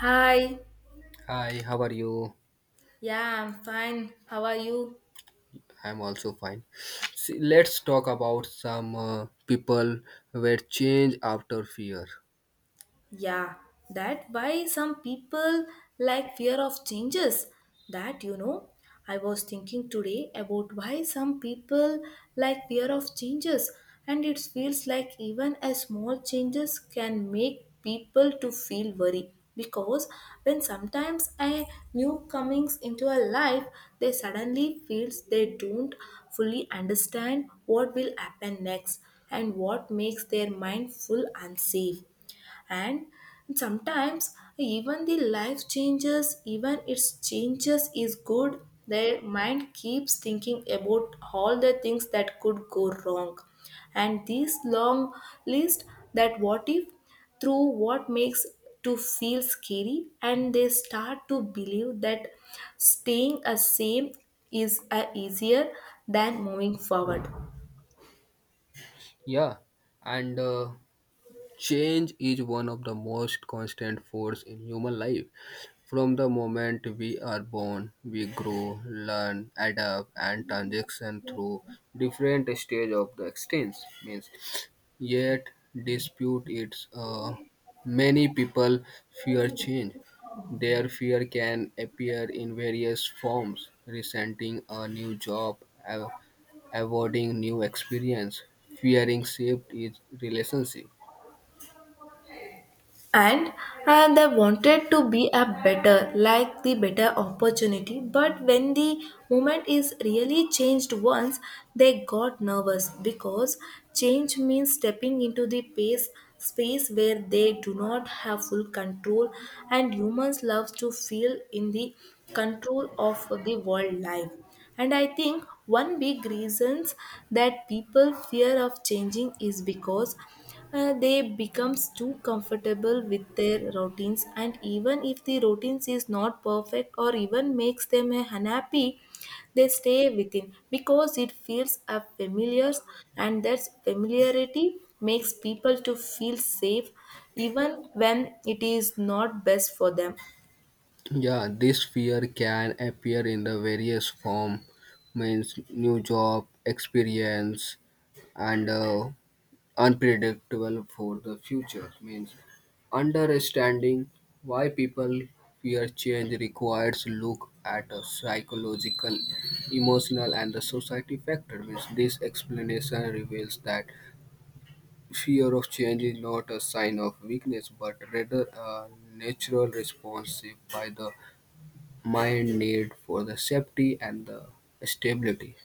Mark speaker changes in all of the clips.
Speaker 1: Hi,
Speaker 2: Hi, how are you?
Speaker 1: yeah, I'm fine. How are you?
Speaker 2: I'm also fine. See, let's talk about some people were change after fear.
Speaker 1: Yeah, that why some people like fear of changes. That you know, I was thinking today about why some people like fear of changes, and it feels like even a small changes can make people to feel worry because when sometimes a new comings into a life they suddenly feels they don't fully understand what will happen next and what makes their mind full unsafe and sometimes even the life changes even its changes is good their mind keeps thinking about all the things that could go wrong and this long list that what if through what makes to feel scary and they start to believe that staying a same is a easier than moving forward.
Speaker 2: Yeah, and Change is one of the most constant force in human life. From the moment we are born, we grow, learn, adapt, and transition through different stages of the existence. Means, yet dispute its many people fear change. Their fear can appear in various forms, resenting a new job, av- avoiding new experience, fearing shift is relationship.
Speaker 1: And and they wanted to be a better like the better opportunity, but when the moment is really changed once they got nervous because change means stepping into the pace space where they do not have full control, and humans love to feel in the control of the world life. And I think one big reasons that people fear of changing is because they becomes too comfortable with their routines, and even if the routines is not perfect or even makes them unhappy they stay within because it feels a familiar, and that familiarity makes people to feel safe even when it is not best for them.
Speaker 2: Yeah, this fear can appear in the various form, means new job, experience, and unpredictable for the future. Means understanding why people fear change requires look at a psychological, emotional, and the society factor. Means this explanation reveals that fear of change is not a sign of weakness, but rather a natural response by the my need for the safety and the stability.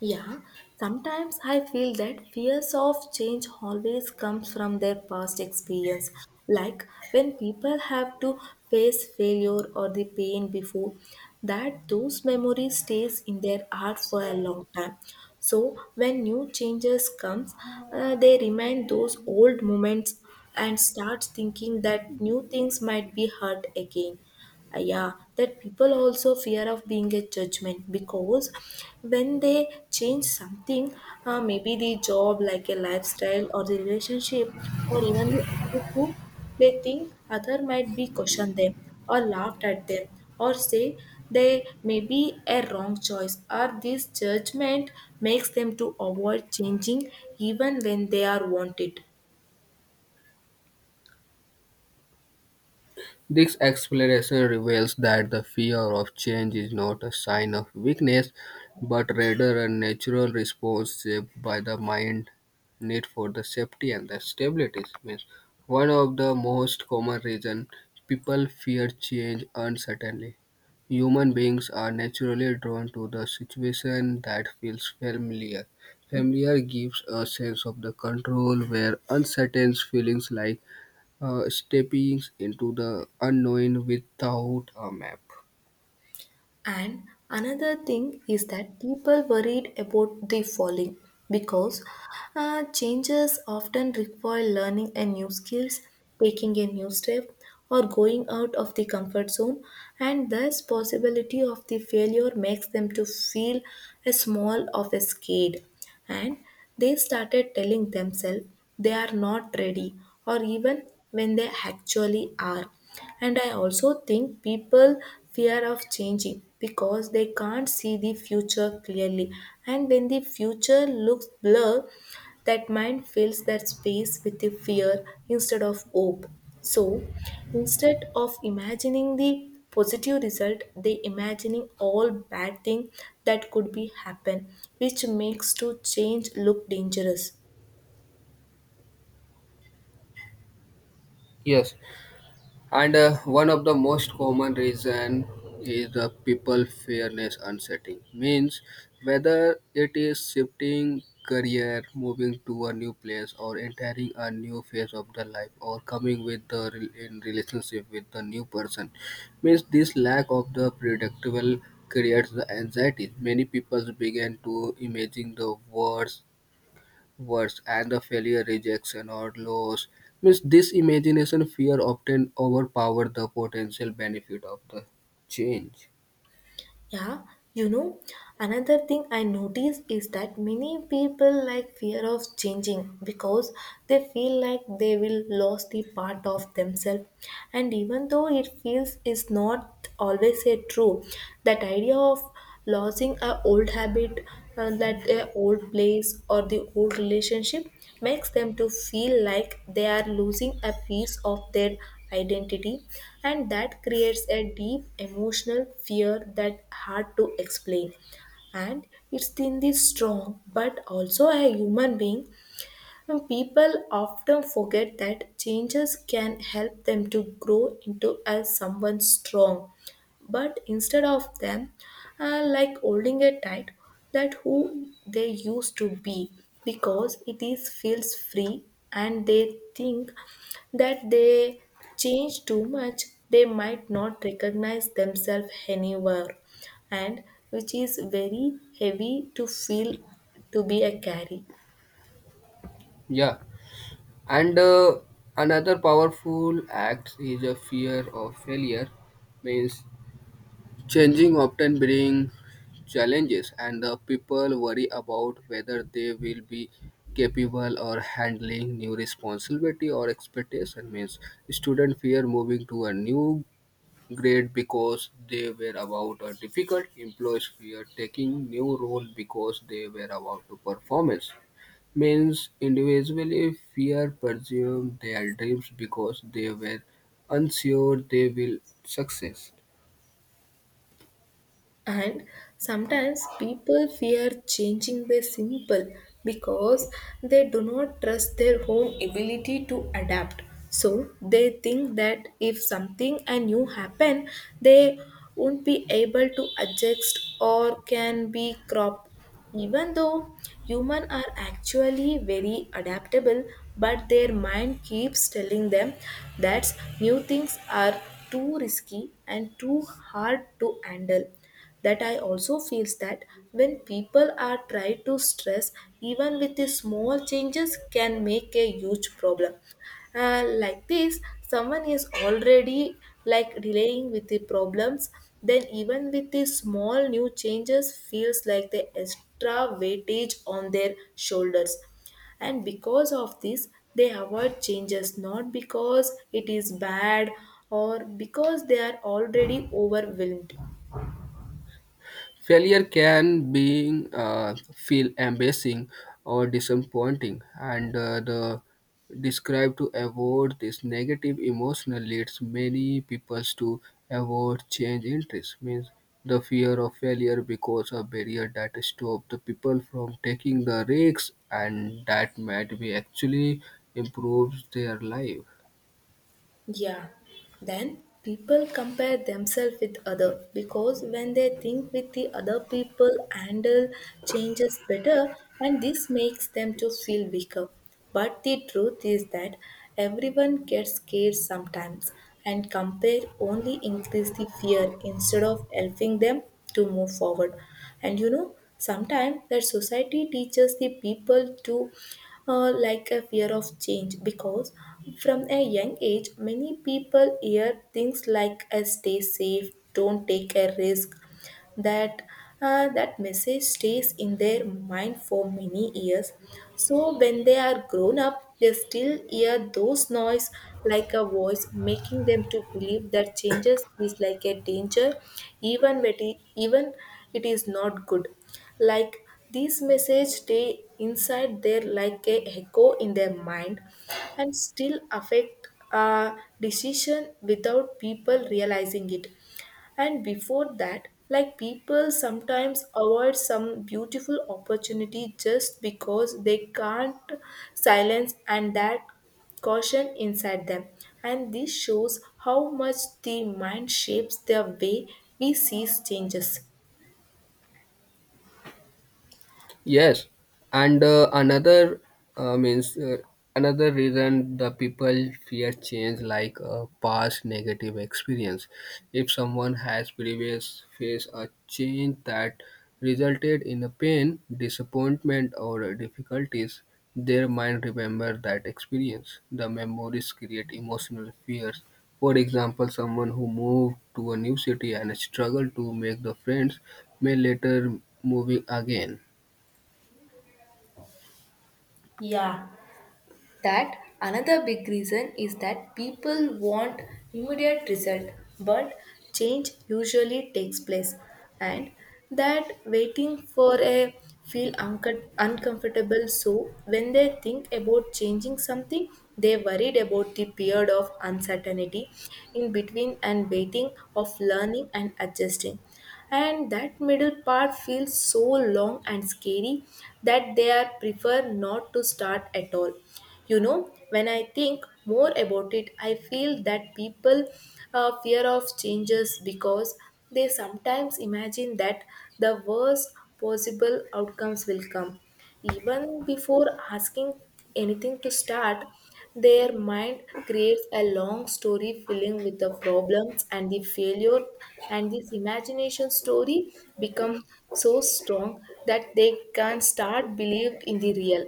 Speaker 1: Yeah, sometimes I feel that fears of change always comes from their past experience. Like when people have to face failure or the pain before, that those memories stays in their heart for a long time. So when new changes comes, they remind those old moments and start thinking that new things might be hurt again. Uh, yeah, that people also fear of being a judgment because when they change something, maybe the job like a lifestyle or the relationship or even the attitude, they think other might be question them or laughed at them or say they may be a wrong choice, or this judgment makes them to avoid changing even when they are wanted.
Speaker 2: This exploration reveals that the fear of change is not a sign of weakness, but rather a natural response shaped by the mind need for the safety and the stability. Means one of the most common reason people fear change uncertainly. Human beings are naturally drawn to the situation that feels familiar. Familiar gives a sense of the control where uncertain feelings like stepping into the unknown without a map.
Speaker 1: And another thing is that people worried about the falling because changes often require learning a new skills, taking a new step, or going out of the comfort zone, and thus possibility of the failure makes them to feel a small of a scared, and they started telling themselves they are not ready or even when they actually are. And I also think people fear of changing because they can't see the future clearly, and when the future looks blurred, that mind fills that space with the fear instead of hope. So instead of imagining the positive result, they imagining all bad thing that could be happen, which makes to change look dangerous.
Speaker 2: Yes, and one of the most common reason is the people fairness uncertain. Means whether it is shifting career, moving to a new place, or entering a new phase of the life, or coming with the in relationship with the new person, means this lack of the predictable creates the anxiety. Many people begin to imagine the worst words and the failure, rejection, or loss. Means this imagination fear often overpower the potential benefit of the change.
Speaker 1: Yeah, you know, another thing I notice is that many people like fear of changing because they feel like they will lose the part of themselves. And even though it feels is not always a true, that idea of losing a old habit, that their old place or the old relationship, makes them to feel like they are losing a piece of their identity, and that creates a deep emotional fear that hard to explain. And it's in the strong but also a human being, and people often forget that changes can help them to grow into as someone strong. But instead of them, like holding it tight, that who they used to be, because it is feels free, and they think that they change too much, they might not recognize themselves anywhere, and which is very heavy to feel to be a carry.
Speaker 2: Yeah, and another powerful act is a fear of failure. Means changing often bring challenges, and the people worry about whether they will be capable or handling new responsibility or expectation means student fear moving to a new great because they were about a difficult employees fear taking new role because they were about to performance means individually fear pursue their dreams because they were unsure they will success.
Speaker 1: And sometimes people fear changing their simple because they do not trust their own ability to adapt. So they think that if something and new happen, they won't be able to adjust or can be crop. Even though human are actually very adaptable, but their mind keeps telling them that new things are too risky and too hard to handle. That I also feels that when people are try to stress even with the small changes can make a huge problem, like this someone is already like delaying with the problems, then even with the small new changes feels like the extra weightage on their shoulders. And because of this they avoid changes not because it is bad or because they are already overwhelmed.
Speaker 2: Failure can be feel embarrassing or disappointing, and the describe to avoid this negative emotion leads many people to avoid change interest. Means the fear of failure becomes a barrier that stops the people from taking the risks, and that might be actually improves their life.
Speaker 1: Yeah. Then people compare themselves with other because when they think with the other people handle changes better, and this makes them to feel weaker. But the truth is that everyone gets scared sometimes, and compare only increase the fear instead of helping them to move forward. And you know sometimes that society teaches the people to like a fear of change because from a young age many people hear things like stay safe, don't take a risk. That that message stays in their mind for many years, so when they are grown up they still hear those noise like a voice making them to believe that changes is like a danger even when it, even it is not good. Like these message stay inside there like a echo in their mind and still affect decision without people realizing it. And before that, like people sometimes avoid some beautiful opportunity just because they can't silence and that caution inside them. And this shows how much the mind shapes the way we see changes.
Speaker 2: Yes, and another means another reason the people fear change, like past negative experience. If someone has previous faced a change that resulted in a pain, disappointment, or difficulties, their mind remember that experience. The memories create emotional fears. For example, someone who moved to a new city and struggled to make the friends may later move again.
Speaker 1: Yeah. That another big reason is that people want immediate result, but change usually takes place, and that waiting for a feel uncomfortable. So when they think about changing something, they worried about the period of uncertainty in between and waiting of learning and adjusting, and that middle part feels so long and scary that they are prefer not to start at all. You know, when I think more about it I feel that people fear of changes because they sometimes imagine that the worst possible outcomes will come even before asking anything to start. Their mind creates a long story filling with the problems and the failure, and this imagination story becomes so strong that they can start believed in the real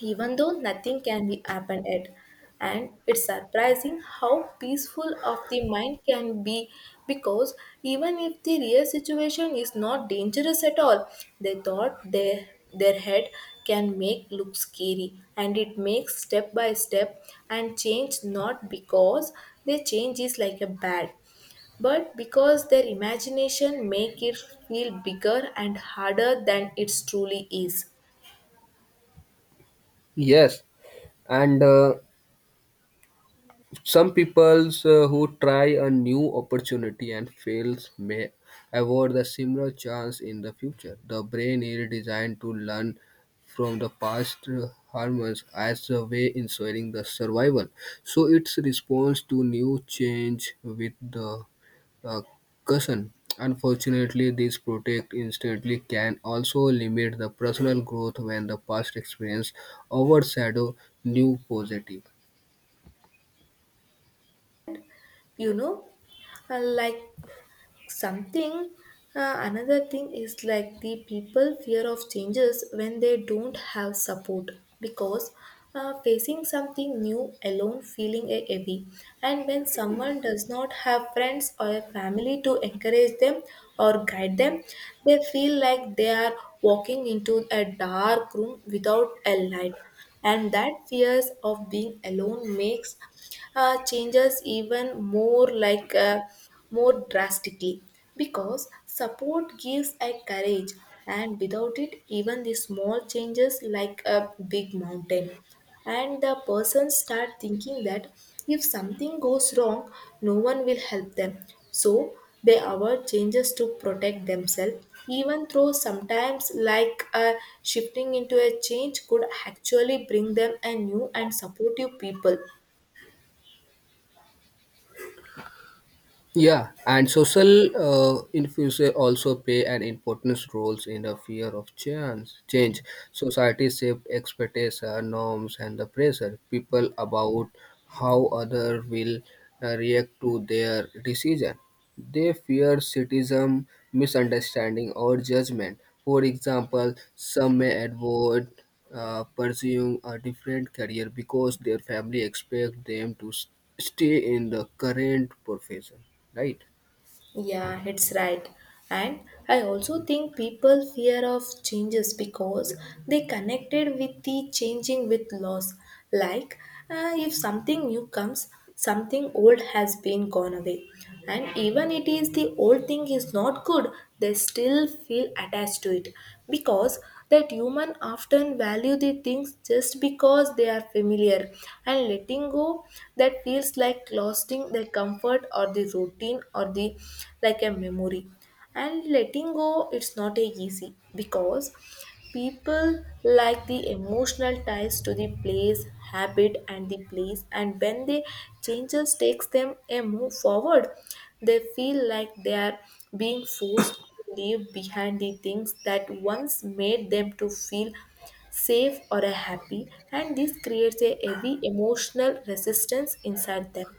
Speaker 1: even though nothing can be happened yet. And it's surprising how peaceful of the mind can be because even if the real situation is not dangerous at all, they thought their head can make look scary, and it makes step by step and change not because their change is like a bad but because their imagination make it feel bigger and harder than it truly is.
Speaker 2: Yes, and some peoples who try a new opportunity and fails may avoid the similar chance in the future. The brain is designed to learn from the past harms as a way ensuring the survival. So its response to new change with the uh, caution. Unfortunately, this protect instantly can also limit the personal growth when the past experience overshadow new positive.
Speaker 1: You know, like something, another thing is like the people fear of changes when they don't have support because facing something new alone feeling a heavy, and when someone does not have friends or a family to encourage them or guide them, they feel like they are walking into a dark room without a light. And that fears of being alone makes changes even more like more drastically, because support gives a courage, and without it even the small changes like a big mountain. And the person start thinking that if something goes wrong no one will help them, so they avoid changes to protect themselves even though sometimes like shifting into a change could actually bring them a new and supportive people.
Speaker 2: Yeah, and social influences also play an important role in the fear of change. Change. Society shapes expectations, norms, and the pressure people about how other will react to their decision. They fear criticism, misunderstanding, or judgment. For example, some may avoid pursuing a different career because their family expect them to stay in the current profession, right?
Speaker 1: Yeah, it's right. And I also think people fear of changes because they connected with the changing with loss. Like if something new comes, something old has been gone away. And even it is the old thing is not good, they still feel attached to it because that humans often value the things just because they are familiar, and letting go that feels like losing the comfort or the routine or the like a memory. And letting go it's not a easy because people like the emotional ties to the place, habit, and the place, and when the changes takes them a move forward, they feel like they are being forced to leave behind the things that once made them to feel safe or happy, and this creates a heavy emotional resistance inside them.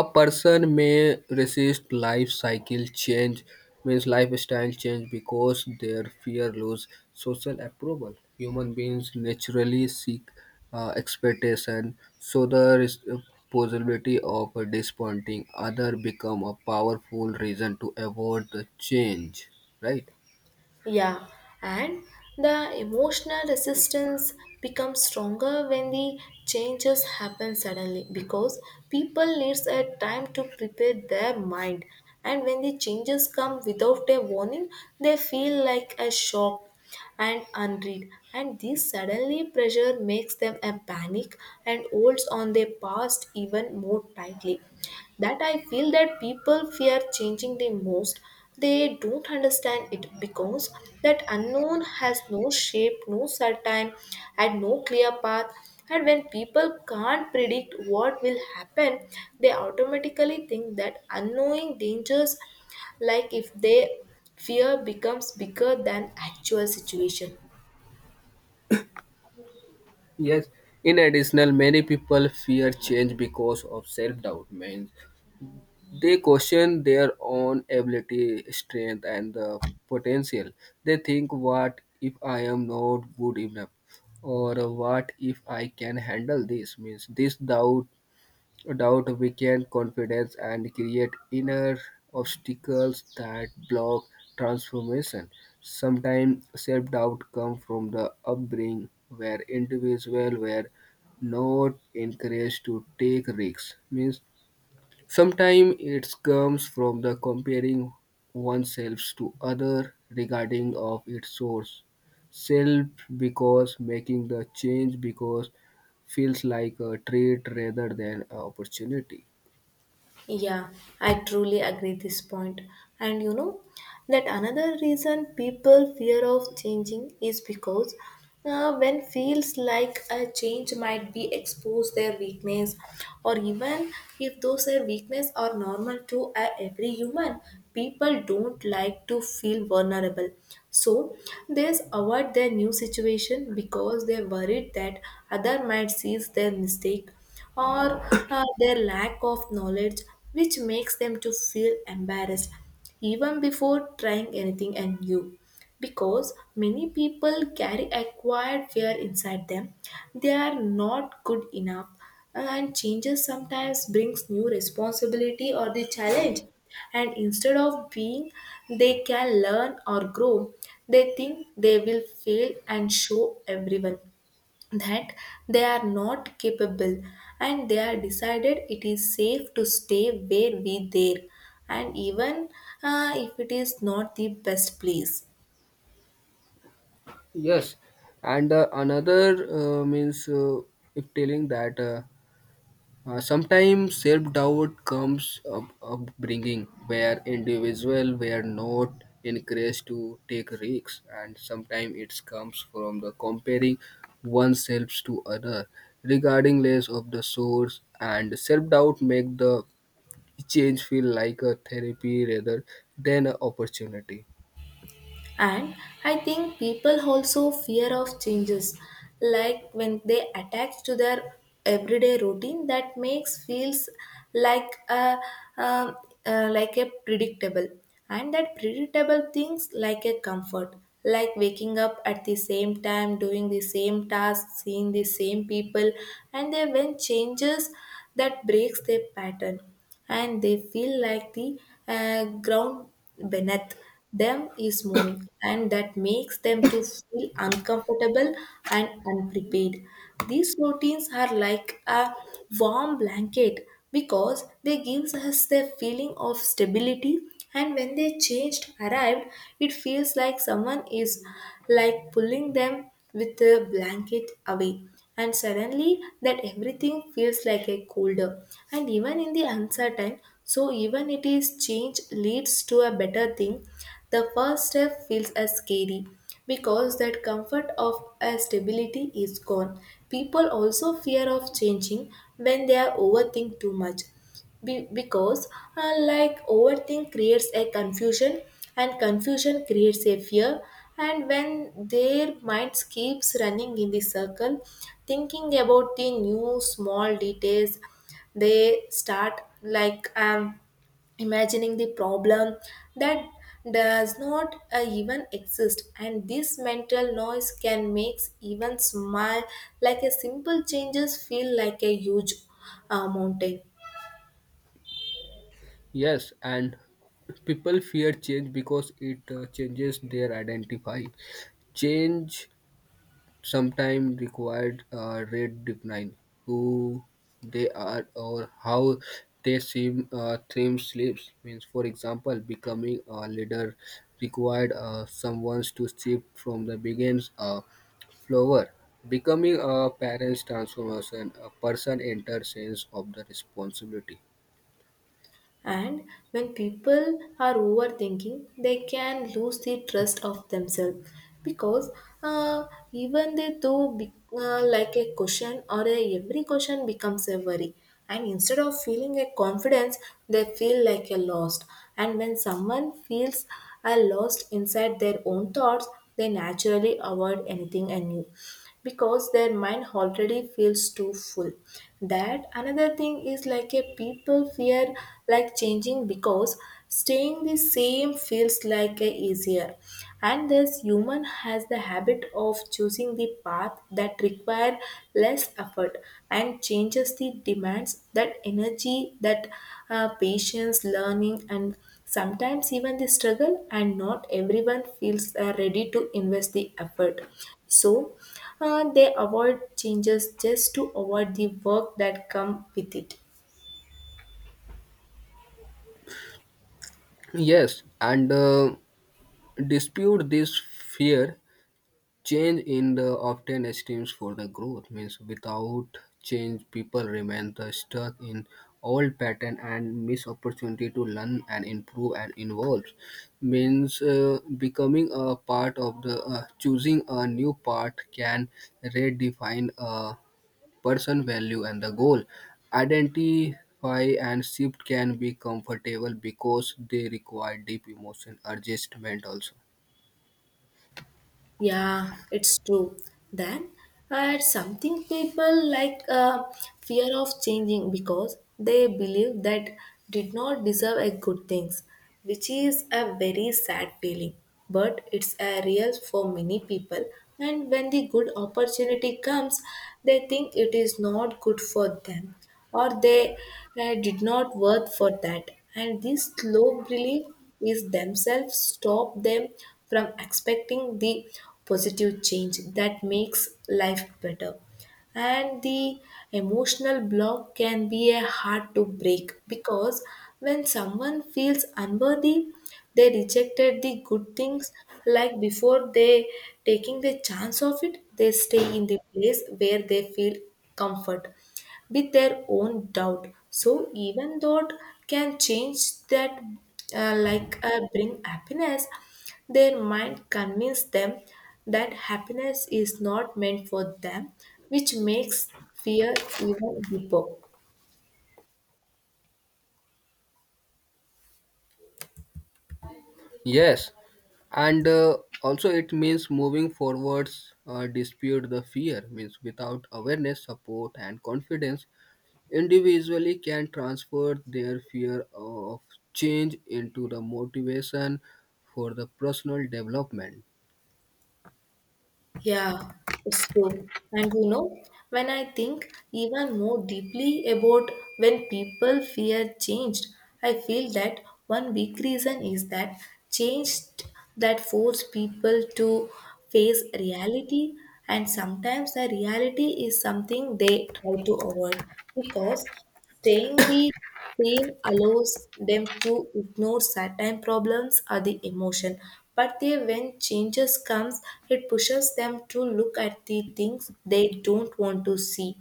Speaker 2: A person may resist life cycle change, means lifestyle change, because their fear lose social approval. Human beings naturally seek expectation, so the possibility of disappointing other become a powerful reason to avoid the change. Right.
Speaker 1: Yeah, and the emotional resistance becomes stronger when the changes happen suddenly because people needs a time to prepare their mind, and when the changes come without a warning they feel like a shock and unread, and this suddenly pressure makes them a panic and holds on their past even more tightly. That I feel that people fear changing the most they don't understand it because that unknown has no shape, no certain, and no clear path, and when people can't predict what will happen they automatically think that unknowing dangers. Like if they fear becomes bigger than actual situation.
Speaker 2: Yes. In additional, many people fear change because of self-doubt. Means they question their own ability, strength, and the potential. They think, what if I am not good enough? Or what if I can handle this? Means this doubt weakens confidence and create inner obstacles that block transformation. Sometimes self-doubt comes from the upbringing where individuals were not encouraged to take risks. Means sometimes it comes from the comparing oneself to other regarding of its source. Self because making the change because feels like a treat rather than an opportunity.
Speaker 1: Yeah, I truly agree this point. And you know that another reason people fear of changing is because when feels like a change might be expose their weakness, or even if those are weakness are normal to every human, people don't like to feel vulnerable, so they avoid their new situation because they're worried that other might seize their mistake or their lack of knowledge, which makes them to feel embarrassed even before trying anything new, because many people carry acquired fear inside them, they are not good enough, and changes sometimes brings new responsibility or the challenge, and instead of being they can learn or grow, they think they will fail and show everyone that they are not capable, and they are decided it is safe to stay where we there, and even if it is not the best place.
Speaker 2: Yes, and another means if telling that. Sometimes self-doubt comes up upbringing where individual were not encouraged to take risks and sometimes it comes from the comparing oneself to other regarding less of the source and self-doubt make the change feel like a therapy rather than an opportunity.
Speaker 1: And I think people also fear of changes, like when they attach to their everyday routine that makes feels like a um, like a predictable, and that predictable things like a comfort, like waking up at the same time, doing the same tasks, seeing the same people, and then when changes that breaks their pattern, and they feel like the ground beneath them is moving, and that makes them to feel uncomfortable and unprepared. These routines are like a warm blanket because they gives us the feeling of stability, and when they changed arrived it feels like someone is like pulling them with a blanket away, and suddenly that everything feels like a colder, and even in the uncertain, so even it is change leads to a better thing, the first step feels as scary because that comfort of a stability is gone. People also fear of changing when they are overthink too much because like overthink creates a confusion, and confusion creates a fear, and when their minds keeps running in the circle thinking about the new small details, they start like imagining the problem that does not even exist, and this mental noise can make even small like a simple changes feel like a huge mountain.
Speaker 2: Yes, and people fear change because it changes their identify change sometimes required red define who they are or how they seem theme sleeps means for example becoming a leader required someone to shift from the begins flower becoming a parent's transformation a person enters sense of the responsibility.
Speaker 1: And when people are overthinking, they can lose the trust of themselves because uh, even they do be, like a question or a, every question becomes a worry. And instead of feeling a confidence, they feel like a lost. And when someone feels a lost inside their own thoughts, they naturally avoid anything anew because their mind already feels too full. That another thing is like a people fear like changing because staying the same feels like a easier, and this human has the habit of choosing the path that require less effort, and changes the demands that energy that patience learning and sometimes even the struggle, and not everyone feels ready to invest the effort, so they avoid changes just to avoid the work that come with it.
Speaker 2: Yes, and dispute this fear change in the often esteems for the growth means without change people remain the stuck in old pattern and miss opportunity to learn and improve and evolve means becoming a part of the choosing a new part can redefine a person value and the goal identify and shift can be comfortable because they require deep emotion adjustment also.
Speaker 1: Yeah, it's true. Then something people like fear of changing because they believe that did not deserve a good things, which is a very sad feeling. But it's a real for many people, and when the good opportunity comes, they think it is not good for them, or they did not worth for that. And this slow belief is themselves stop them from expecting the positive change that makes life better. And the emotional block can be a hard to break because when someone feels unworthy, they rejected the good things like before they taking the chance of it, they stay in the place where they feel comfort with their own doubt. So even though can change that like bring happiness, their mind convince them that happiness is not meant for them, which makes fear even deeper.
Speaker 2: Yes, and also it means moving forwards, dispute the fear means without awareness, support, and confidence, individually can transfer their fear of change into the motivation for the personal development.
Speaker 1: Yeah, it's true. And you know, when I think even more deeply about when people fear change, I feel that one big reason is that change that force people to face reality, and sometimes the reality is something they try to avoid because staying the Fame allows them to ignore certain problems or the emotion, but they, when changes comes, it pushes them to look at the things they don't want to see,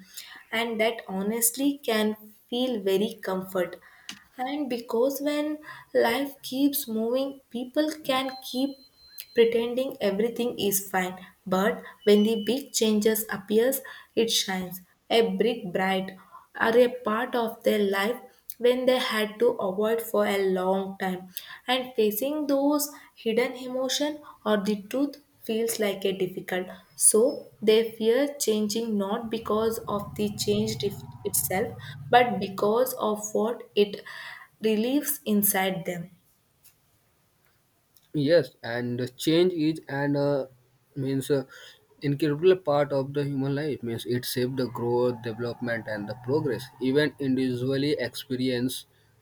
Speaker 1: and that honestly can feel very comfort. And because when life keeps moving, people can keep pretending everything is fine. But when the big changes appears, it shines a brick bright are a part of their life when they had to avoid for a long time, and facing those hidden emotion or the truth feels like a difficult, so they fear changing not because of the change itself but because of what it relieves inside them.
Speaker 2: Yes, and the change is and means incredible part of the human life. Means it shapes the growth, development, and the progress. Even individually experience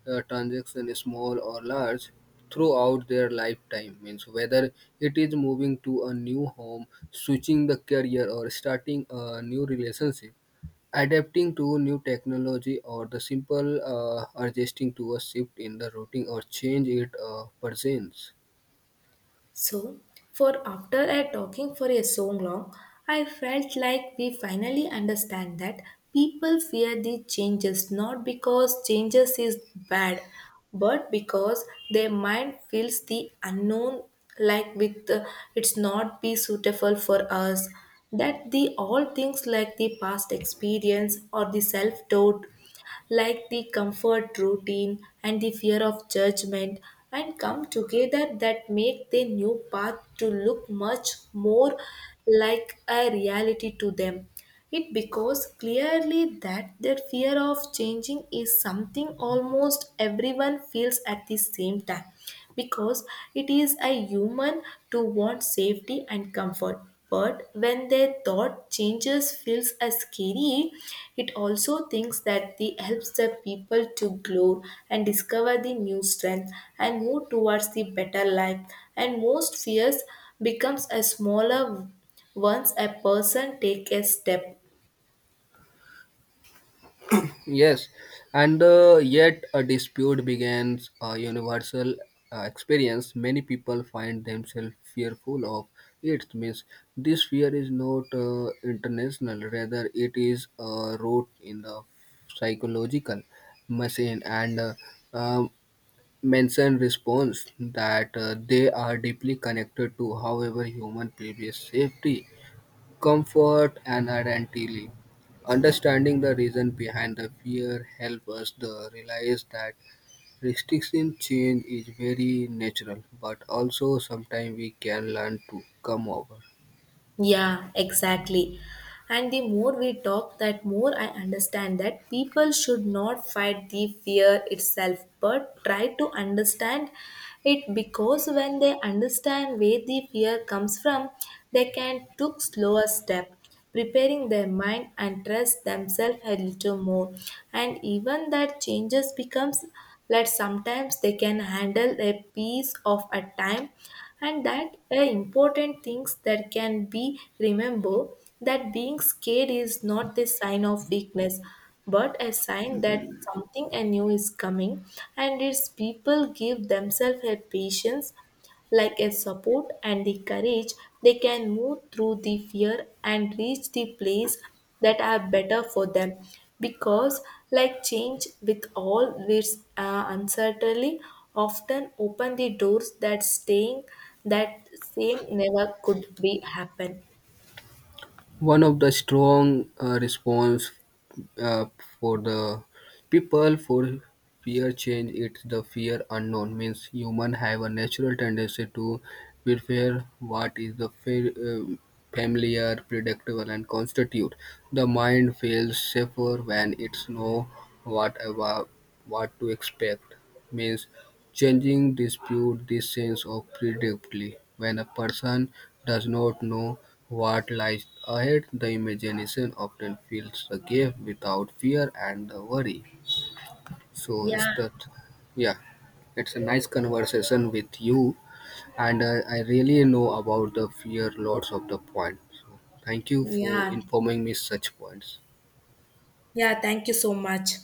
Speaker 2: transaction small or large throughout their lifetime. Means whether it is moving to a new home, switching the career, or starting a new relationship, adapting to new technology, or the simple adjusting to a shift in the routine or change it presents.
Speaker 1: So, for after I talking for a so long, I felt like we finally understand that people fear the changes not because changes is bad, but because their mind feels the unknown like with it's not be suitable for us, that the all things like the past experience or the self doubt, like the comfort routine and the fear of judgment, and come together that make the new path to look much more like a reality to them. It because clearly that their fear of changing is something almost everyone feels at the same time, because it is a human to want safety and comfort, but when their thought changes feels as scary, it also thinks that the helps the people to grow and discover the new strength and move towards the better life. And most fears becomes a smaller once a person take a step.
Speaker 2: Yes, and yet a dispute begins a universal experience. Many people find themselves fearful of it. Means this fear is not international, rather it is root in the psychological machine and um, mention response that they are deeply connected to however human previous safety comfort and identity. Understanding the reason behind the fear helps us to realize that restriction change is very natural, but also sometimes we can learn to come over.
Speaker 1: Yeah, exactly. And the more we talk, that more I understand that people should not fight the fear itself, but try to understand it, because when they understand where the fear comes from, they can took slower step preparing their mind and trust themselves a little more. And even that changes becomes that sometimes they can handle a piece of a time, and that are important things that can be remember that being scared is not the sign of weakness but a sign that something new is coming, and its people give themselves a patience like a support and the courage, they can move through the fear and reach the place that are better for them. Because, like change with all its uncertainty, often open the doors that staying that same never could be happen.
Speaker 2: One of the strong response uh, for the people for fear change it's the fear unknown means human have a natural tendency to prefer what is the uh, familiar predictable and constitute the mind feels safer when it's know what about what to expect means changing dispute this sense of predictably when a person does not know what lies ahead. The imagination often fills the gap without fear and the worry. So, it's
Speaker 1: Yeah,
Speaker 2: that, yeah, it's a nice conversation with you, and I really know about the fear lots of the points. So, thank you for
Speaker 1: yeah,
Speaker 2: informing me such points.
Speaker 1: yeah. Thank you so much.